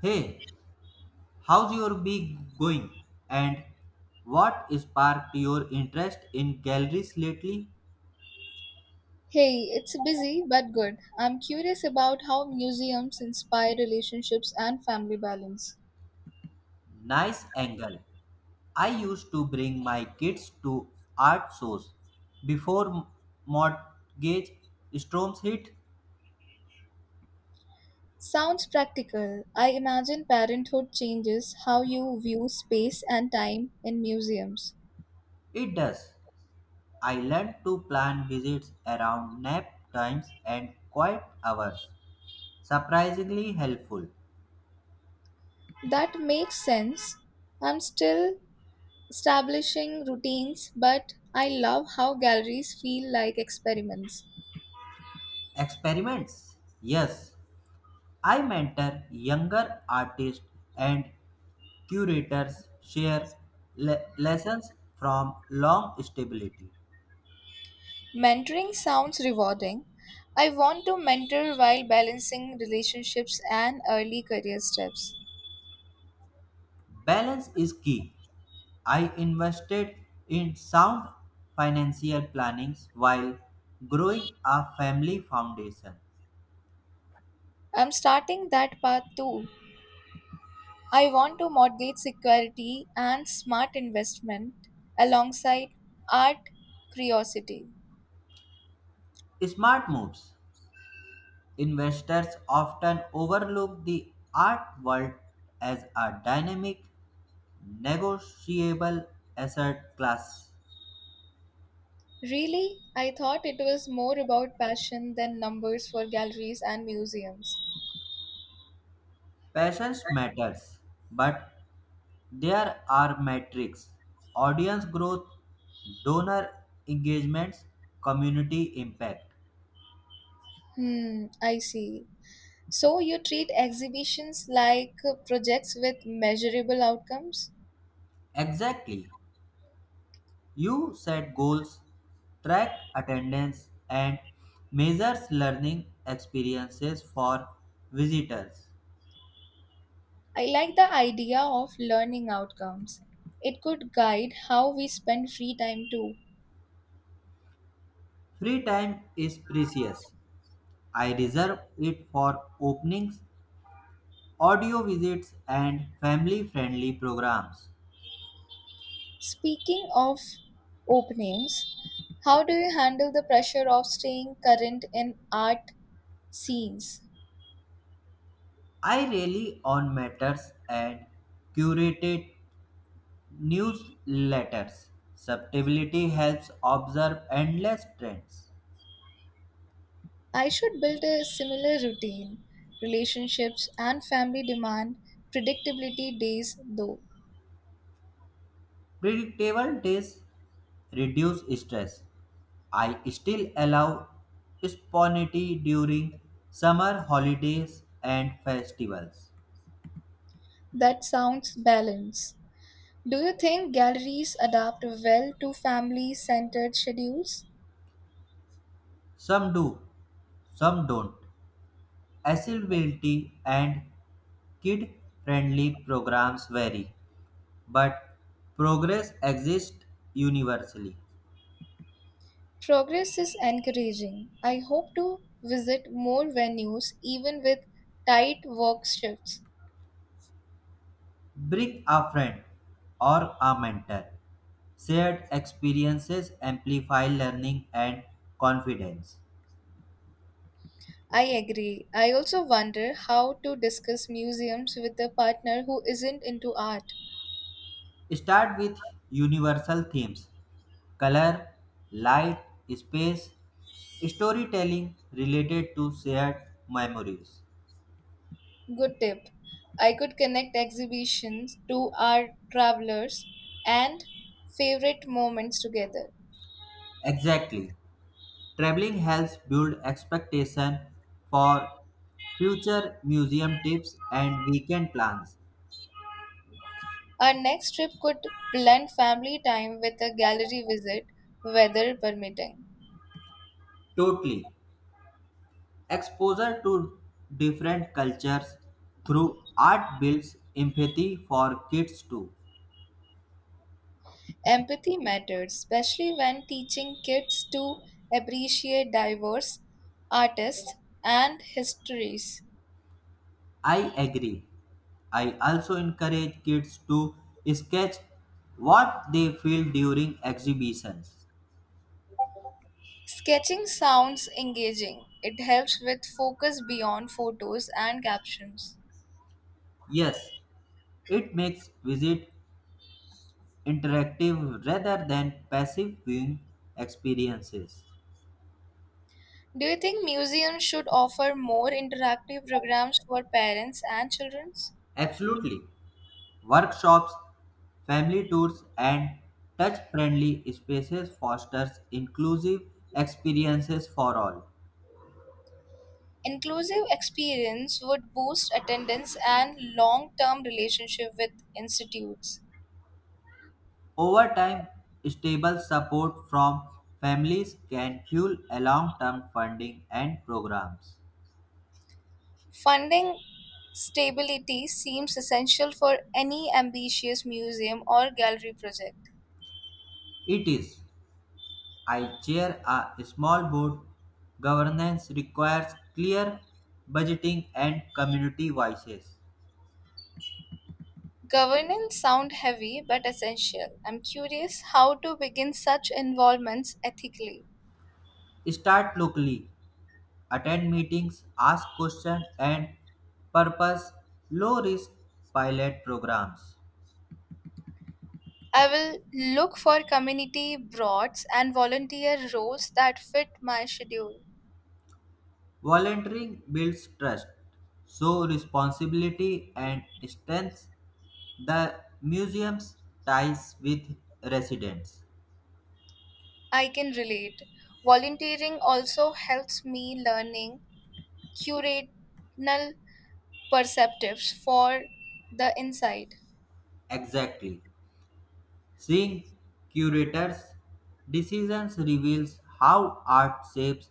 Hey, how's your week going? And what sparked your interest in galleries lately? Hey, it's busy but good. I'm curious about how museums inspire relationships and family balance. Nice angle. I used to bring my kids to art shows before mortgage storms hit. Sounds practical. I imagine parenthood changes how you view space and time in museums. It does. I learned to plan visits around nap times and quiet hours. Surprisingly helpful. That makes sense. I'm still establishing routines, but I love how galleries feel like experiments. Experiments. Yes, I mentor younger artists and curators share lessons from long stability. Mentoring sounds rewarding. I want to mentor while balancing relationships and early career steps. Balance is key. I invested in sound financial plannings while growing a family foundation. I'm starting that path too. I want to mortgage security and smart investment alongside art curiosity. Smart moves. Investors often overlook the art world as a dynamic, negotiable asset class. Really, I thought it was more about passion than numbers for galleries and museums. Patience matters, but there are metrics audience growth, donor engagements, community impact. Hmm, I see. So you treat exhibitions like projects with measurable outcomes? Exactly. You set goals, track attendance, and measures learning experiences for visitors. I like the idea of learning outcomes. It could guide how we spend free time too. Free time is precious. I reserve it for openings, audio visits, and family friendly programs. Speaking of openings, how do you handle the pressure of staying current in art scenes? I rely on matters and curated Newsletters' subtlety helps observe endless trends. I should build a similar routine. Relationships and family demand predictability days, though. Predictable days reduce stress. I still allow spontaneity during summer holidays and festivals. That sounds balanced. Do you think galleries adapt well to family centered schedules? Some do, some don't. Accessibility and kid friendly programs vary, but progress exists universally. Progress is encouraging. I hope to visit more venues even with tight work shifts. Bring a friend or a mentor. Shared experiences amplify learning and confidence. I agree. I also wonder how to discuss museums with a partner who isn't into art. Start with universal themes color, light, space, storytelling related to shared memories. Good tip. I could connect exhibitions to our travelers and favorite moments together. Exactly. Traveling helps build expectation for future museum trips and weekend plans. Our next trip could blend family time with a gallery visit, weather permitting. Totally. Exposure to different cultures through art builds empathy for kids too. Empathy matters, especially when teaching kids to appreciate diverse artists and histories. I agree. I also encourage kids to sketch what they feel during exhibitions. Sketching sounds engaging. It helps with focus beyond photos and captions. Yes, it makes visit interactive rather than passive viewing experiences. Do you think museums should offer more interactive programs for parents and children? Absolutely. Workshops, family tours, and touch-friendly spaces fosters inclusive experiences for all. Inclusive experience would boost attendance and long-term relationship with institutes. Over time, stable support from families can fuel a long-term funding and programs. Funding stability seems essential for any ambitious museum or gallery project. It is. I chair a small board. Governance requires clear budgeting and community voices. Governance sound heavy but essential. I'm curious how to begin such involvements ethically. Start locally attend meetings, ask questions, and purpose low risk pilot programs. I will look for community boards and volunteer roles that fit my schedule. Volunteering builds trust, so responsibility and strengths the museum's ties with residents. I can relate. Volunteering also helps me learning curational perceptives for the inside. Exactly. Seeing curators' decisions reveals how art shapes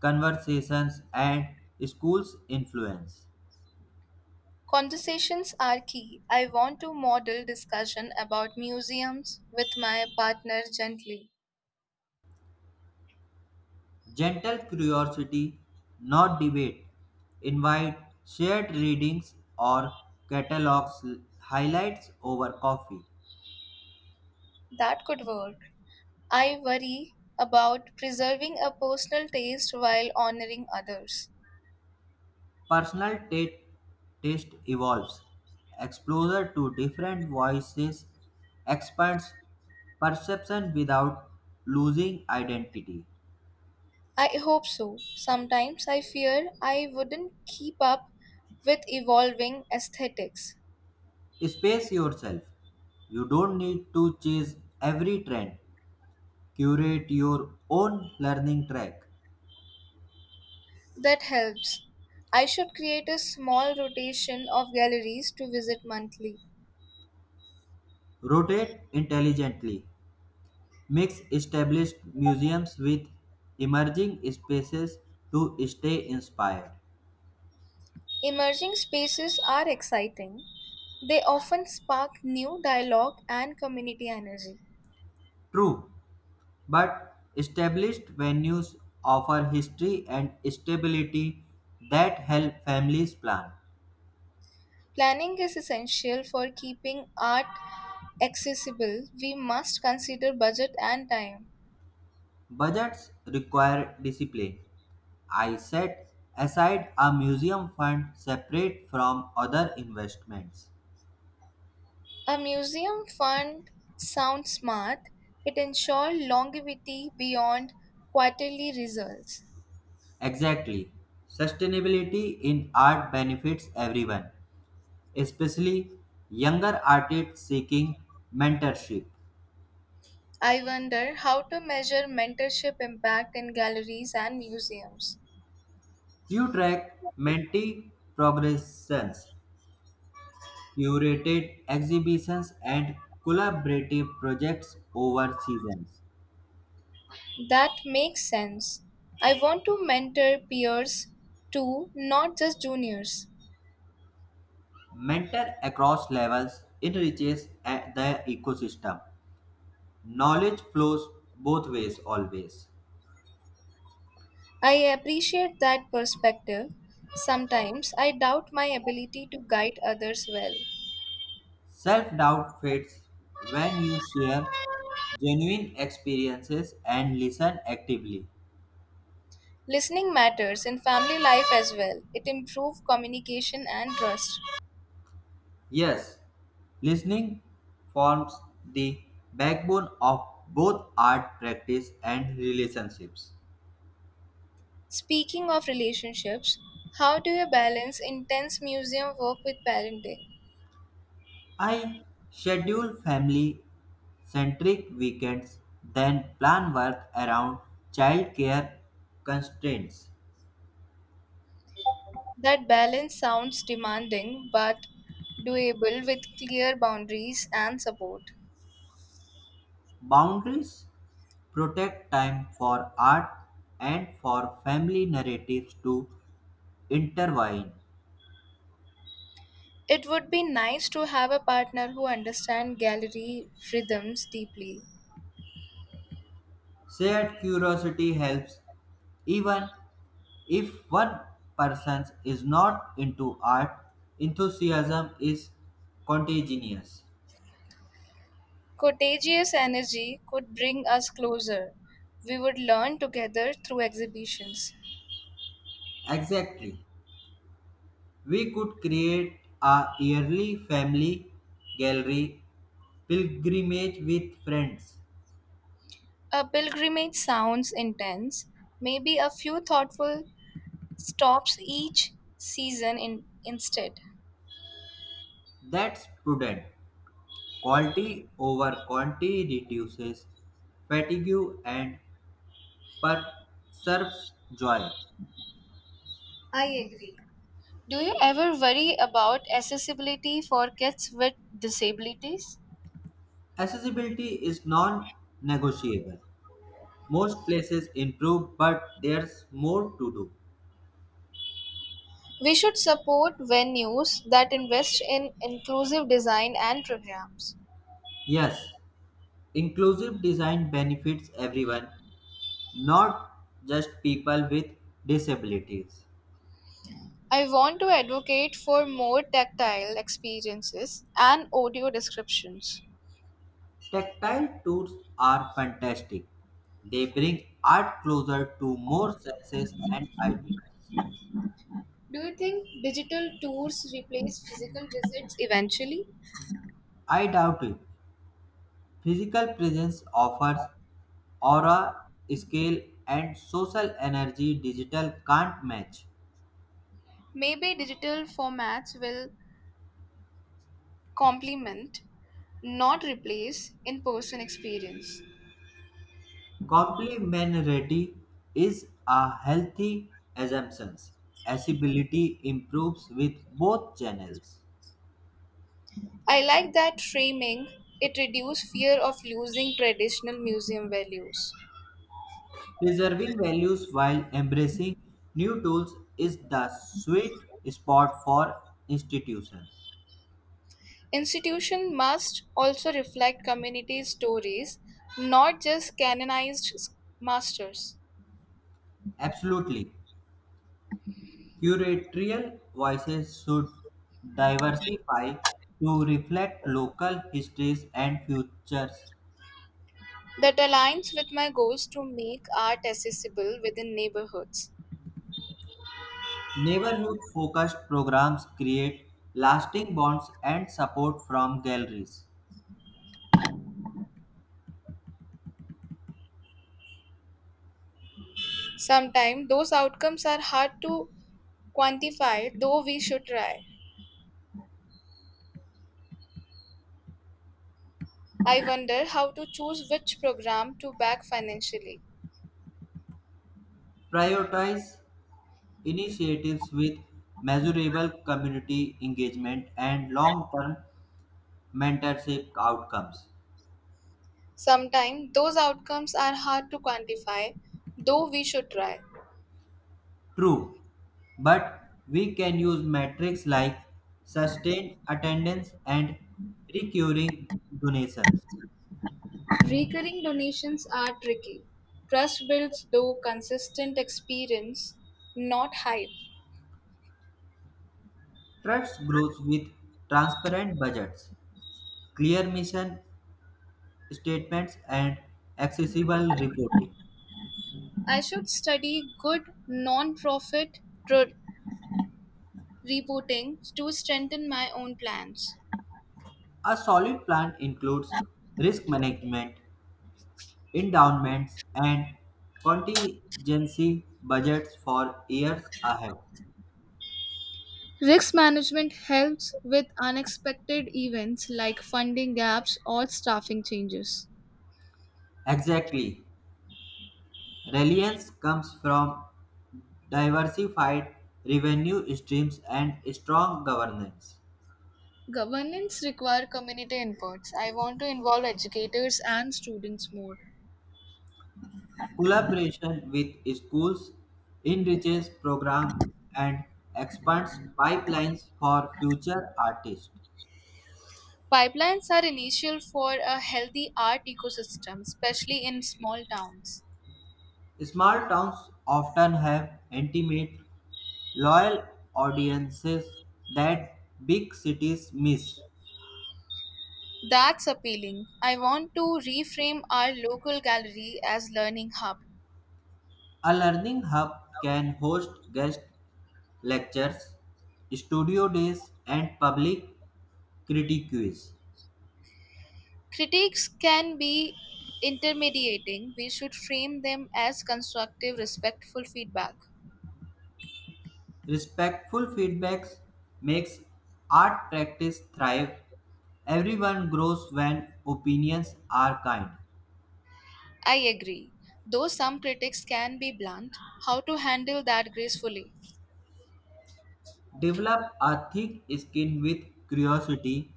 conversations and schools influence. Conversations are key. I want to model discussion about museums with my partner gently. Gentle curiosity, not debate. Invite shared readings or catalogs highlights over coffee. That could work. I worry about preserving a personal taste while honoring others. Personal ta- Taste evolves. Exposure to different voices expands perception without losing identity. I hope so. Sometimes I fear I wouldn't keep up with evolving aesthetics. Space yourself. You don't need to chase every trend. Curate your own learning track. That helps. I should create a small rotation of galleries to visit monthly. Rotate intelligently. Mix established museums with emerging spaces to stay inspired. Emerging spaces are exciting. They often spark new dialogue and community energy. True, but established venues offer history and stability that help families plan. Planning is essential for keeping art accessible, we must consider budget and time. Budgets require discipline. I set aside a museum fund separate from other investments. A museum fund sounds smart. It ensures longevity beyond quarterly results. Exactly. Sustainability in art benefits everyone especially younger artists seeking mentorship. I wonder how to measure mentorship impact in galleries and museums. You track mentee progressions, curated exhibitions, and collaborative projects over seasons. That makes sense. I want to mentor peers too, not just juniors. Mentor across levels enriches the ecosystem. Knowledge flows both ways always. I appreciate that perspective. Sometimes I doubt my ability to guide others well. Self doubt fades when you share genuine experiences and listen actively. Listening matters in family life as well. It improves communication and trust. Yes, listening forms the backbone of both art practice and relationships. Speaking of relationships, how do you balance intense museum work with parenting? I schedule family centric weekends, then plan work around childcare constraints. That balance sounds demanding but doable with clear boundaries and support. Boundaries protect time for art and for family narratives to intertwine. It would be nice to have a partner who understands gallery rhythms deeply. Shared curiosity helps even if one person is not into art, enthusiasm is contagious. Contagious energy could bring us closer. We would learn together through exhibitions. Exactly. We could create a yearly family gallery pilgrimage with friends. A pilgrimage sounds intense. Maybe a few thoughtful stops each season in, instead. That's prudent. Quality over quantity reduces fatigue and preserves joy. I agree. Do you ever worry about accessibility for kids with disabilities? Accessibility is non negotiable. Most places improve, but there's more to do. We should support venues that invest in inclusive design and programs. Yes, inclusive design benefits everyone, not just people with disabilities. I want to advocate for more tactile experiences and audio descriptions. Tactile tours are fantastic. They bring art closer to more senses and ideas. Do you think digital tours replace physical visits eventually? I doubt it. Physical presence offers aura, scale, and social energy digital can't match. Maybe digital formats will complement, not replace, in person experience. Complementarity is a healthy assumption. Accessibility improves with both channels. I like that framing, it reduces fear of losing traditional museum values. Preserving values while embracing new tools is the sweet spot for institutions. Institution must also reflect community stories, not just canonized masters. Absolutely. Curatorial voices should diversify to reflect local histories and futures. That aligns with my goals to make art accessible within neighborhoods. Neighborhood focused programs create lasting bonds and support from galleries. Sometimes those outcomes are hard to quantify, though we should try. I wonder how to choose which program to back financially. Prioritize initiatives with measurable community engagement and long term mentorship outcomes. Sometimes those outcomes are hard to quantify, though we should try. True, but we can use metrics like sustained attendance and recurring donations. Recurring donations are tricky. Trust builds through consistent experience, not hype. Trust grows with transparent budgets, clear mission, statements, and accessible reporting. I should study good non-profit pro- reporting to strengthen my own plans. A solid plan includes risk management, endowments, and contingency budgets for years ahead. Risk management helps with unexpected events like funding gaps or staffing changes. Exactly. Reliance comes from diversified revenue streams and strong governance. Governance require community inputs. I want to involve educators and students more. Collaboration with schools enriches program and expands pipelines for future artists. Pipelines are initial for a healthy art ecosystem, especially in small towns. Small towns often have intimate, loyal audiences that big cities miss. That's appealing. I want to reframe our local gallery as learning hub. A learning hub can host guest lectures, studio days, and public critiques. Critiques can be intermediating. We should frame them as constructive, respectful feedback. Respectful feedbacks makes art practice thrive. Everyone grows when opinions are kind. I agree. Though some critics can be blunt, how to handle that gracefully? Develop a thick skin with curiosity,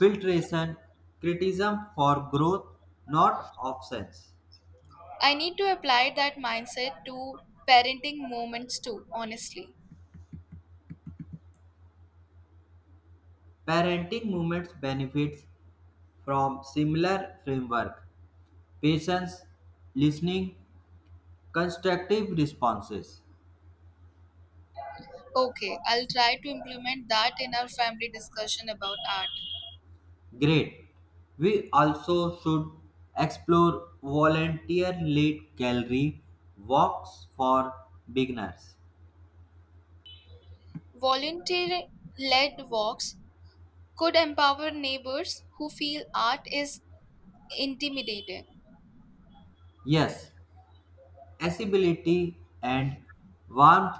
filtration, criticism for growth, not offense. I need to apply that mindset to parenting moments too, honestly. Parenting movements benefits from similar framework, patience, listening, constructive responses. Okay, I'll try to implement that in our family discussion about art. Great. We also should explore volunteer led gallery walks for beginners. Volunteer led walks could empower neighbors who feel art is intimidating. Yes, accessibility and warmth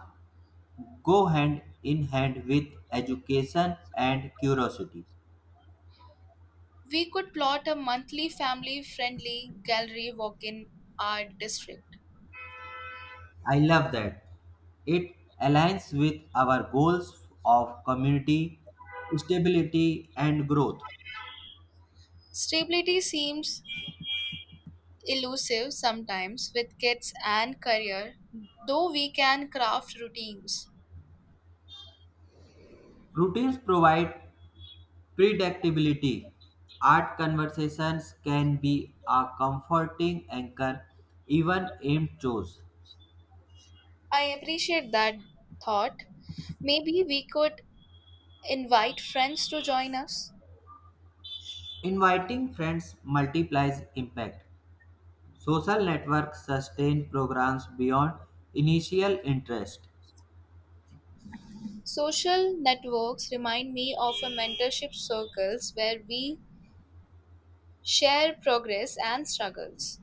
go hand in hand with education and curiosity. We could plot a monthly family friendly gallery walk in our district. I love that. It aligns with our goals of community stability and growth. Stability seems elusive sometimes with kids and career, though we can craft routines. Routines provide predictability. Art conversations can be a comforting anchor even in chores. I appreciate that thought. Maybe we could invite friends to join us. Inviting friends multiplies impact. Social networks sustain programs beyond initial interest. Social networks remind me of a mentorship circles where we share progress and struggles.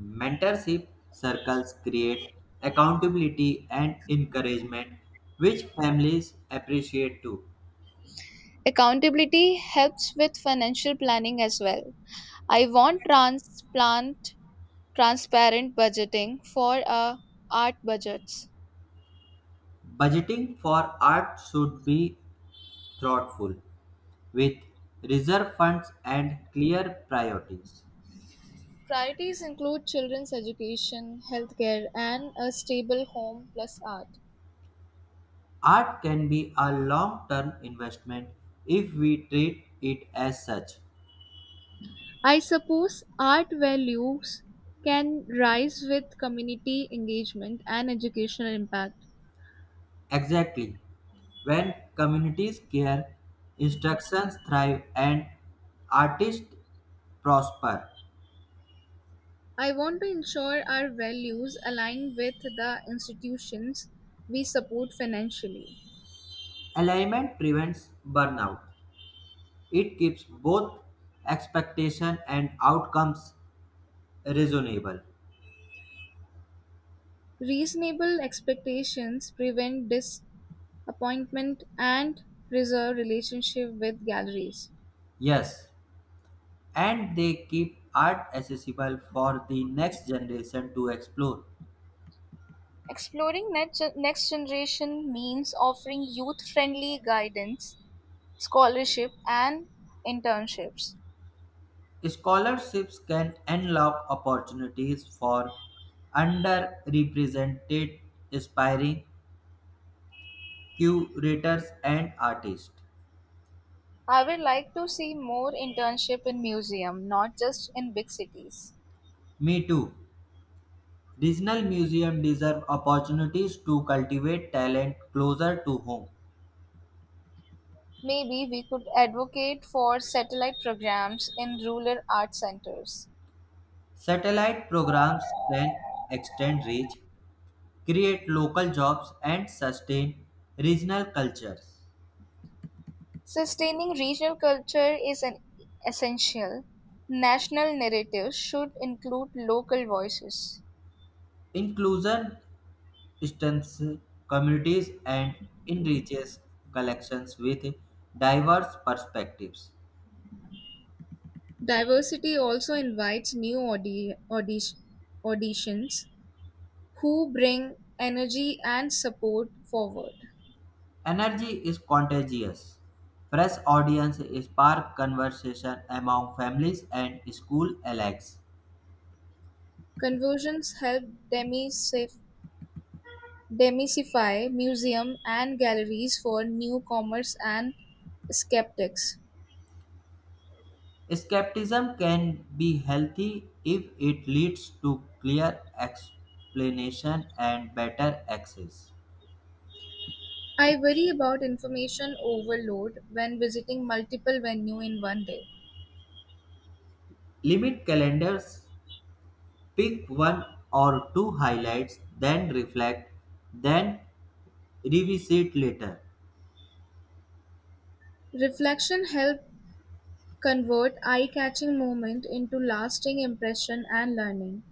Mentorship circles create accountability and encouragement, which families appreciate too. Accountability helps with financial planning as well. I want transplant transparent budgeting for art budgets. Budgeting for art should be thoughtful, with reserve funds and clear priorities. Priorities include children's education, healthcare, and a stable home plus art. Art can be a long term investment if we treat it as such. I suppose art values can rise with community engagement and educational impact. Exactly. When communities care, instructions thrive and artists prosper. I want to ensure our values align with the institutions we support financially. Alignment prevents burnout. It keeps both expectation and outcomes reasonable. Reasonable expectations prevent disappointment and preserve relationship with galleries. Yes, and they keep art accessible for the next generation to explore. Exploring next generation means offering youth friendly guidance, scholarship, and internships. Scholarships can unlock opportunities for underrepresented aspiring curators and artists. I would like to see more internship in museum, not just in big cities. Me too. Regional museums deserve opportunities to cultivate talent closer to home. Maybe we could advocate for satellite programs in rural art centers. Satellite programs can extend reach, create local jobs, and sustain regional cultures. Sustaining regional culture is an essential. National narratives should include local voices. Inclusion strengthens communities and enriches collections with diverse perspectives. Diversity also invites new auditions who bring energy and support forward. Energy is contagious. Fresh audience spark conversation among families and school alike. Conversions help demisif- demystify museum and galleries for newcomers and skeptics. Skepticism can be healthy if it leads to clear explanation and better access. I worry about information overload when visiting multiple venues in one day. Limit calendars, pick one or two highlights, then reflect, then revisit later. Reflection helped convert eye-catching moment into lasting impression and learning.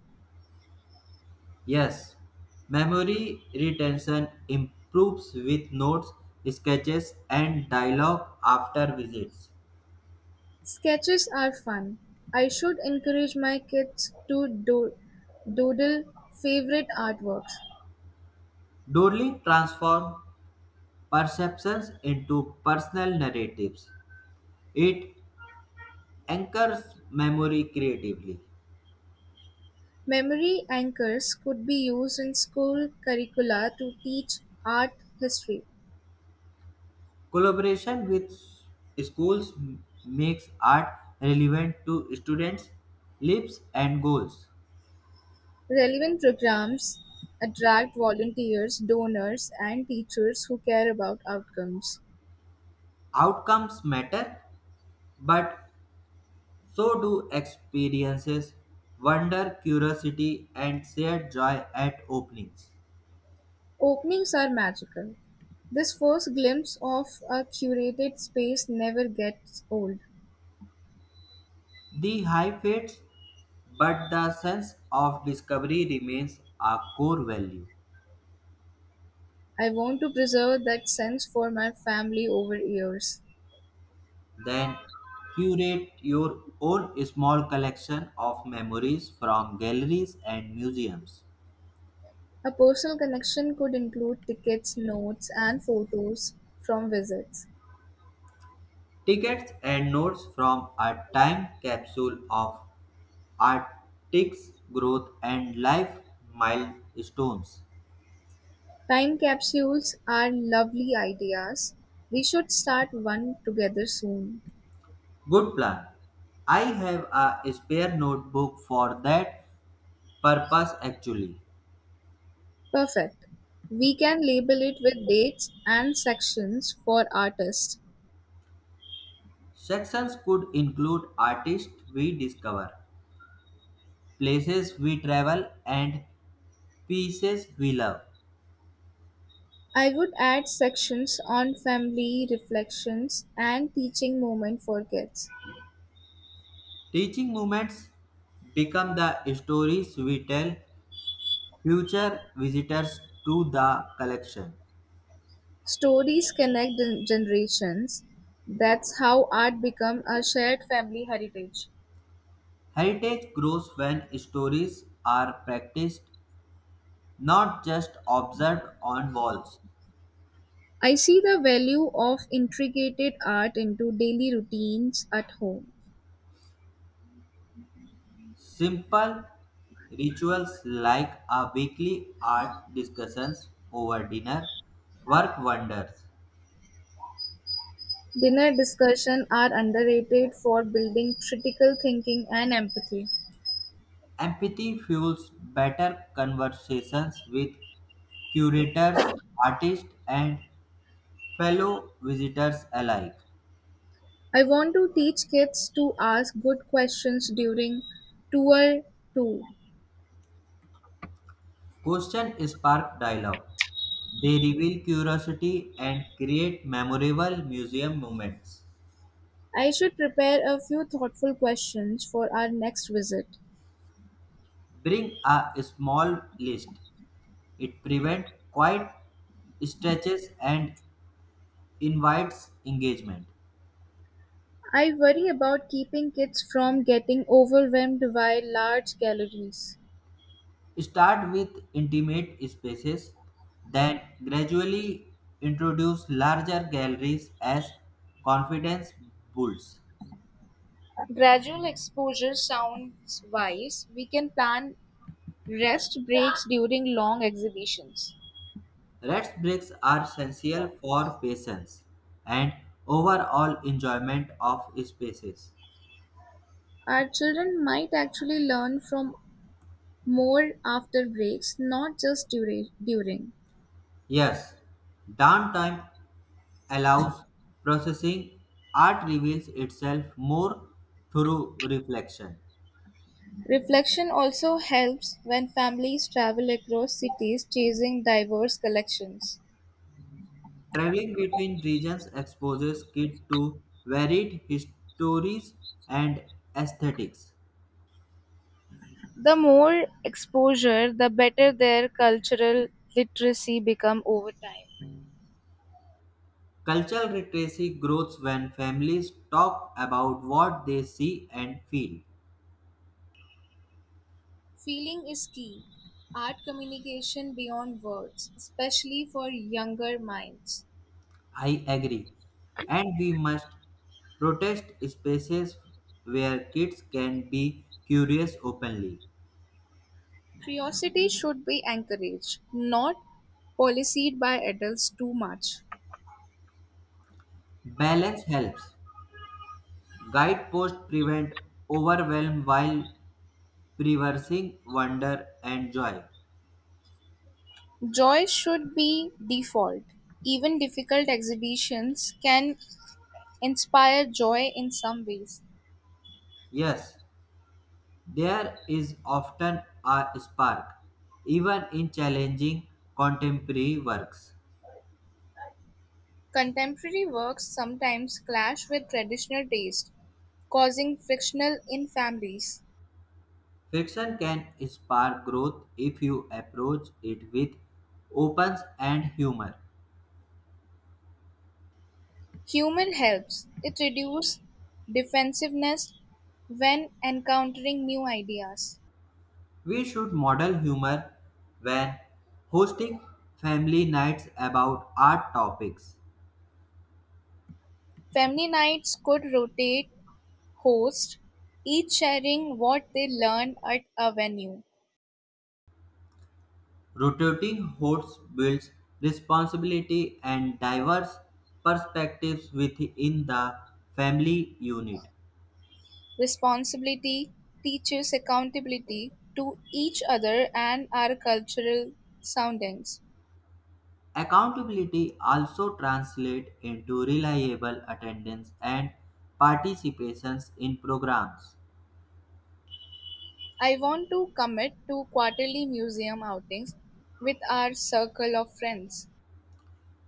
Yes, memory retention improves with notes, sketches, and dialogue after visits. Sketches are fun. I should encourage my kids to doodle favorite artworks. Doodling transforms perceptions into personal narratives. It anchors memory creatively. Memory anchors could be used in school curricula to teach art history. Collaboration with schools makes art relevant to students' lives and goals. Relevant programs attract volunteers, donors, and teachers who care about outcomes. Outcomes matter, but so do experiences, wonder, curiosity, and shared joy at openings. Openings are magical; this first glimpse of a curated space never gets old. The high fades, but the sense of discovery remains a core value. I want to preserve that sense for my family over years. Then curate your own small collection of memories from galleries and museums, A personal connection could include tickets, notes, and photos from visits. tickets and notes from a time capsule of artist's growth and life milestones. Time capsules are lovely ideas. We should start one together soon. Good plan. I have a spare notebook for that purpose actually. Perfect. We can label it with dates and sections for artists. Sections could include artists we discover, places we travel, and pieces we love. I would add sections on family reflections and teaching moment for kids. Teaching moments become the stories we tell future visitors to the collection. Stories connect generations. That's how art becomes a shared family heritage. Heritage grows when stories are practiced, not just observed on walls. I see the value of integrated art into daily routines at home. Simple rituals like a weekly art discussions over dinner work wonders. Dinner discussion are underrated for building critical thinking and empathy. Empathy fuels better conversations with curators, artists, and fellow visitors alike. I want to teach kids to ask good questions during tour too. Question spark dialogue. They reveal curiosity and create memorable museum moments. I should prepare a few thoughtful questions for our next visit. Bring a small list. It prevents quiet stretches and invites engagement. I worry about keeping kids from getting overwhelmed by large calories. Start with intimate spaces, then gradually introduce larger galleries as confidence builds. Gradual exposure sounds wise. We can plan rest breaks during long exhibitions. Rest breaks are essential for patience and overall enjoyment of spaces. Our children might actually learn from more after breaks, not just during. Yes, downtime allows processing, art reveals itself more through reflection. Reflection also helps when families travel across cities chasing diverse collections. Traveling between regions exposes kids to varied histories and aesthetics. The more exposure, the better their cultural literacy become over time. Cultural literacy grows when families talk about what they see and feel. Feeling is key. Art communication beyond words, especially for younger minds. I agree. And we must protest spaces where kids can be curious openly. Curiosity should be encouraged, not policed by adults too much. Balance helps. Guideposts prevent overwhelm while preserving wonder and joy. Joy should be default. Even difficult exhibitions can inspire joy in some ways. Yes, there is often a spark, even in challenging contemporary works. Contemporary works sometimes clash with traditional taste, causing frictional in families. Fiction can spark growth if you approach it with openness and humor. Humor helps, it reduces defensiveness when encountering new ideas. We should model humor when hosting family nights about art topics. Family nights could rotate hosts, each sharing what they learned at a venue. Rotating hosts builds responsibility and diverse perspectives within the family unit. Responsibility teaches accountability to each other and our cultural soundings. Accountability also translates into reliable attendance and participations in programs. I want to commit to quarterly museum outings with our circle of friends.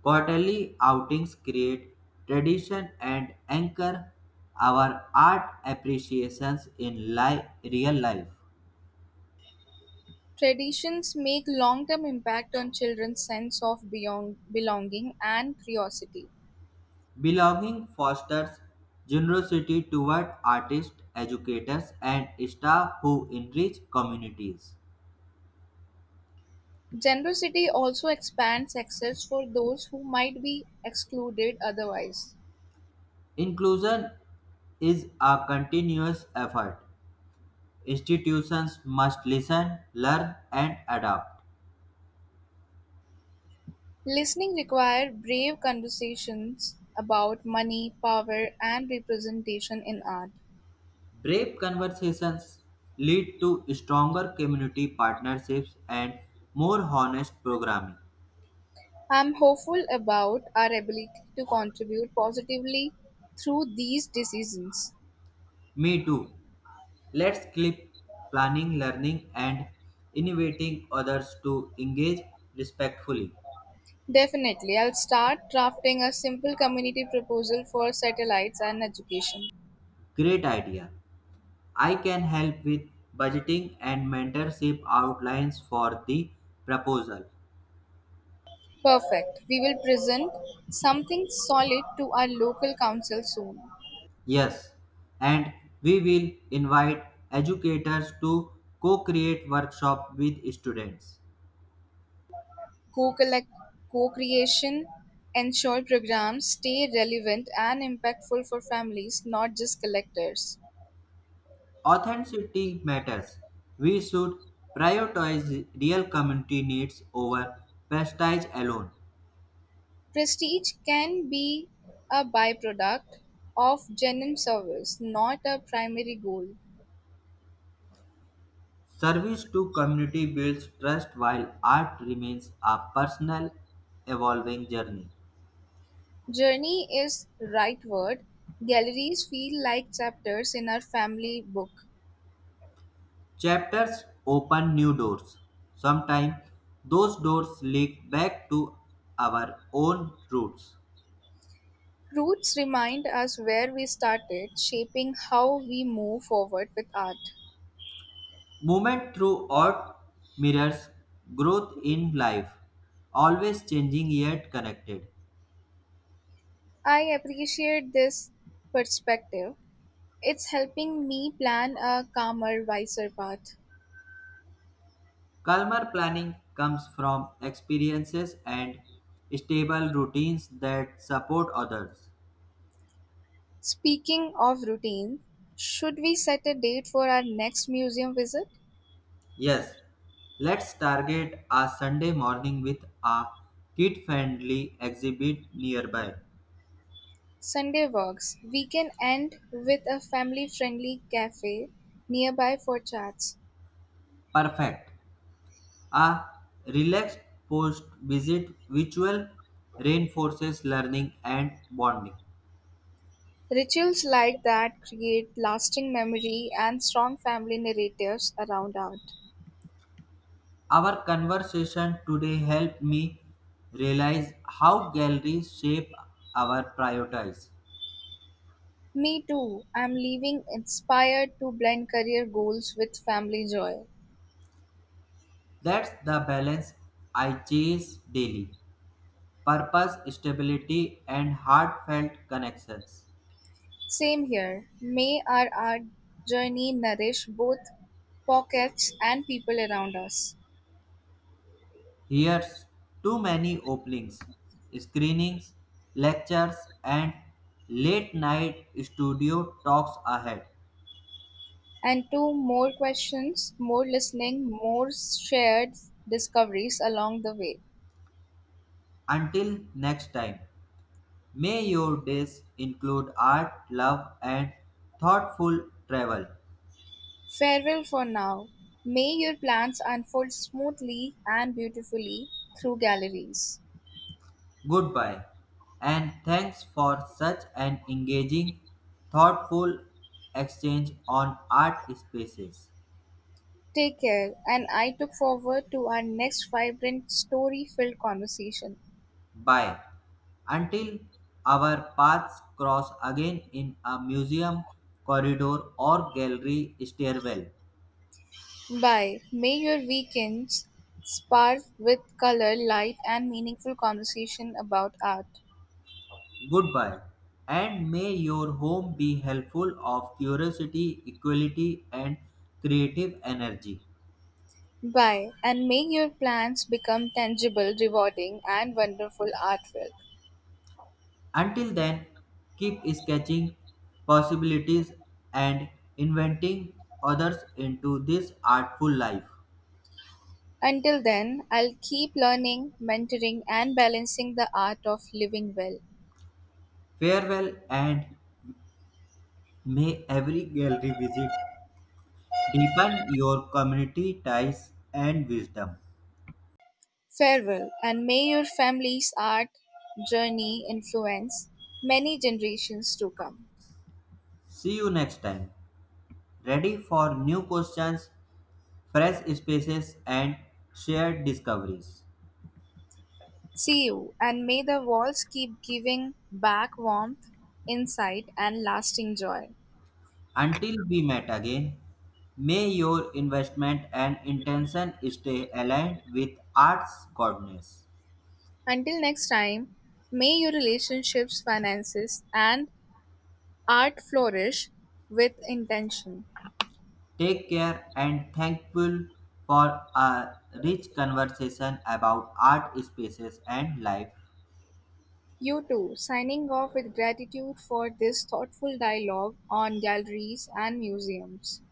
Quarterly outings create tradition and anchor our art appreciations in real life. Traditions make long-term impact on children's sense of belonging and curiosity. Belonging fosters generosity toward artists, educators, and staff who enrich communities. Generosity also expands access for those who might be excluded otherwise. Inclusion is a continuous effort. Institutions must listen, learn, and adapt. Listening requires brave conversations about money, power, and representation in art. Brave conversations lead to stronger community partnerships and more honest programming. I'm hopeful about our ability to contribute positively through these decisions. Me too. Let's keep planning, learning, and innovating others to engage respectfully. Definitely. I'll start drafting a simple community proposal for satellites and education. Great idea. I can help with budgeting and mentorship outlines for the proposal. Perfect. We will present something solid to our local council soon. Yes, and we will invite educators to co create workshop with students. Co-collect, co-creation, ensure programs stay relevant and impactful for families, not just collectors. Authenticity matters. We should prioritize real community needs over prestige alone. Prestige can be a byproduct of genuine service, not a primary goal. Service to community builds trust while art remains a personal, evolving journey. Journey is right word. Galleries feel like chapters in our family book. Chapters open new doors. Sometimes those doors lead back to our own roots. Roots remind us where we started, shaping how we move forward with art. Movement through art mirrors growth in life, always changing yet connected. I appreciate this perspective. It's helping me plan a calmer, wiser path. Calmer planning comes from experiences and stable routines that support others. Speaking of routine, should we set a date for our next museum visit? Yes, let's target a Sunday morning with a kid friendly exhibit nearby. Sunday walks. We can end with a family friendly cafe nearby for chats. Perfect. A relaxed post visit ritual reinforces learning and bonding. Rituals like that create lasting memory and strong family narratives around art. Our conversation today helped me realize how galleries shape our priorities. Me too. I'm leaving inspired to blend career goals with family joy. That's the balance I chase daily purpose, stability, and heartfelt connections. Same here. May our art journey nourish both pockets and people around us. Here's too many openings, screenings, lectures, and late night studio talks ahead. And two more questions, more listening, more shared discoveries along the way. Until next time, may your days include art, love, and thoughtful travel. Farewell for now. May your plans unfold smoothly and beautifully through galleries. Goodbye, and thanks for such an engaging, thoughtful exchange on art spaces. Take care, and I look forward to our next vibrant, story filled conversation. Bye, until our paths cross again in a museum corridor or gallery stairwell. Bye. May your weekends spark with color, light, and meaningful conversation about art. Goodbye, and may your home be helpful of curiosity, equality, and creative energy. Bye, and may your plans become tangible, rewarding, and wonderful artwork. Until then, keep sketching possibilities and inventing others into this artful life. Until then, I'll keep learning, mentoring, and balancing the art of living well. Farewell, and may every gallery visit deepen your community ties and wisdom. Farewell, and may your family's art journey influence many generations to come. See you next time. Ready for new questions, fresh spaces, and shared discoveries. See you, and may the walls keep giving back warmth, insight, and lasting joy. Until we met again, may your investment and intention stay aligned with art's goodness. Until next time, may your relationships, finances, and art flourish with intention. Take care and thankful for a rich conversation about art spaces and life. You too, signing off with gratitude for this thoughtful dialogue on galleries and museums.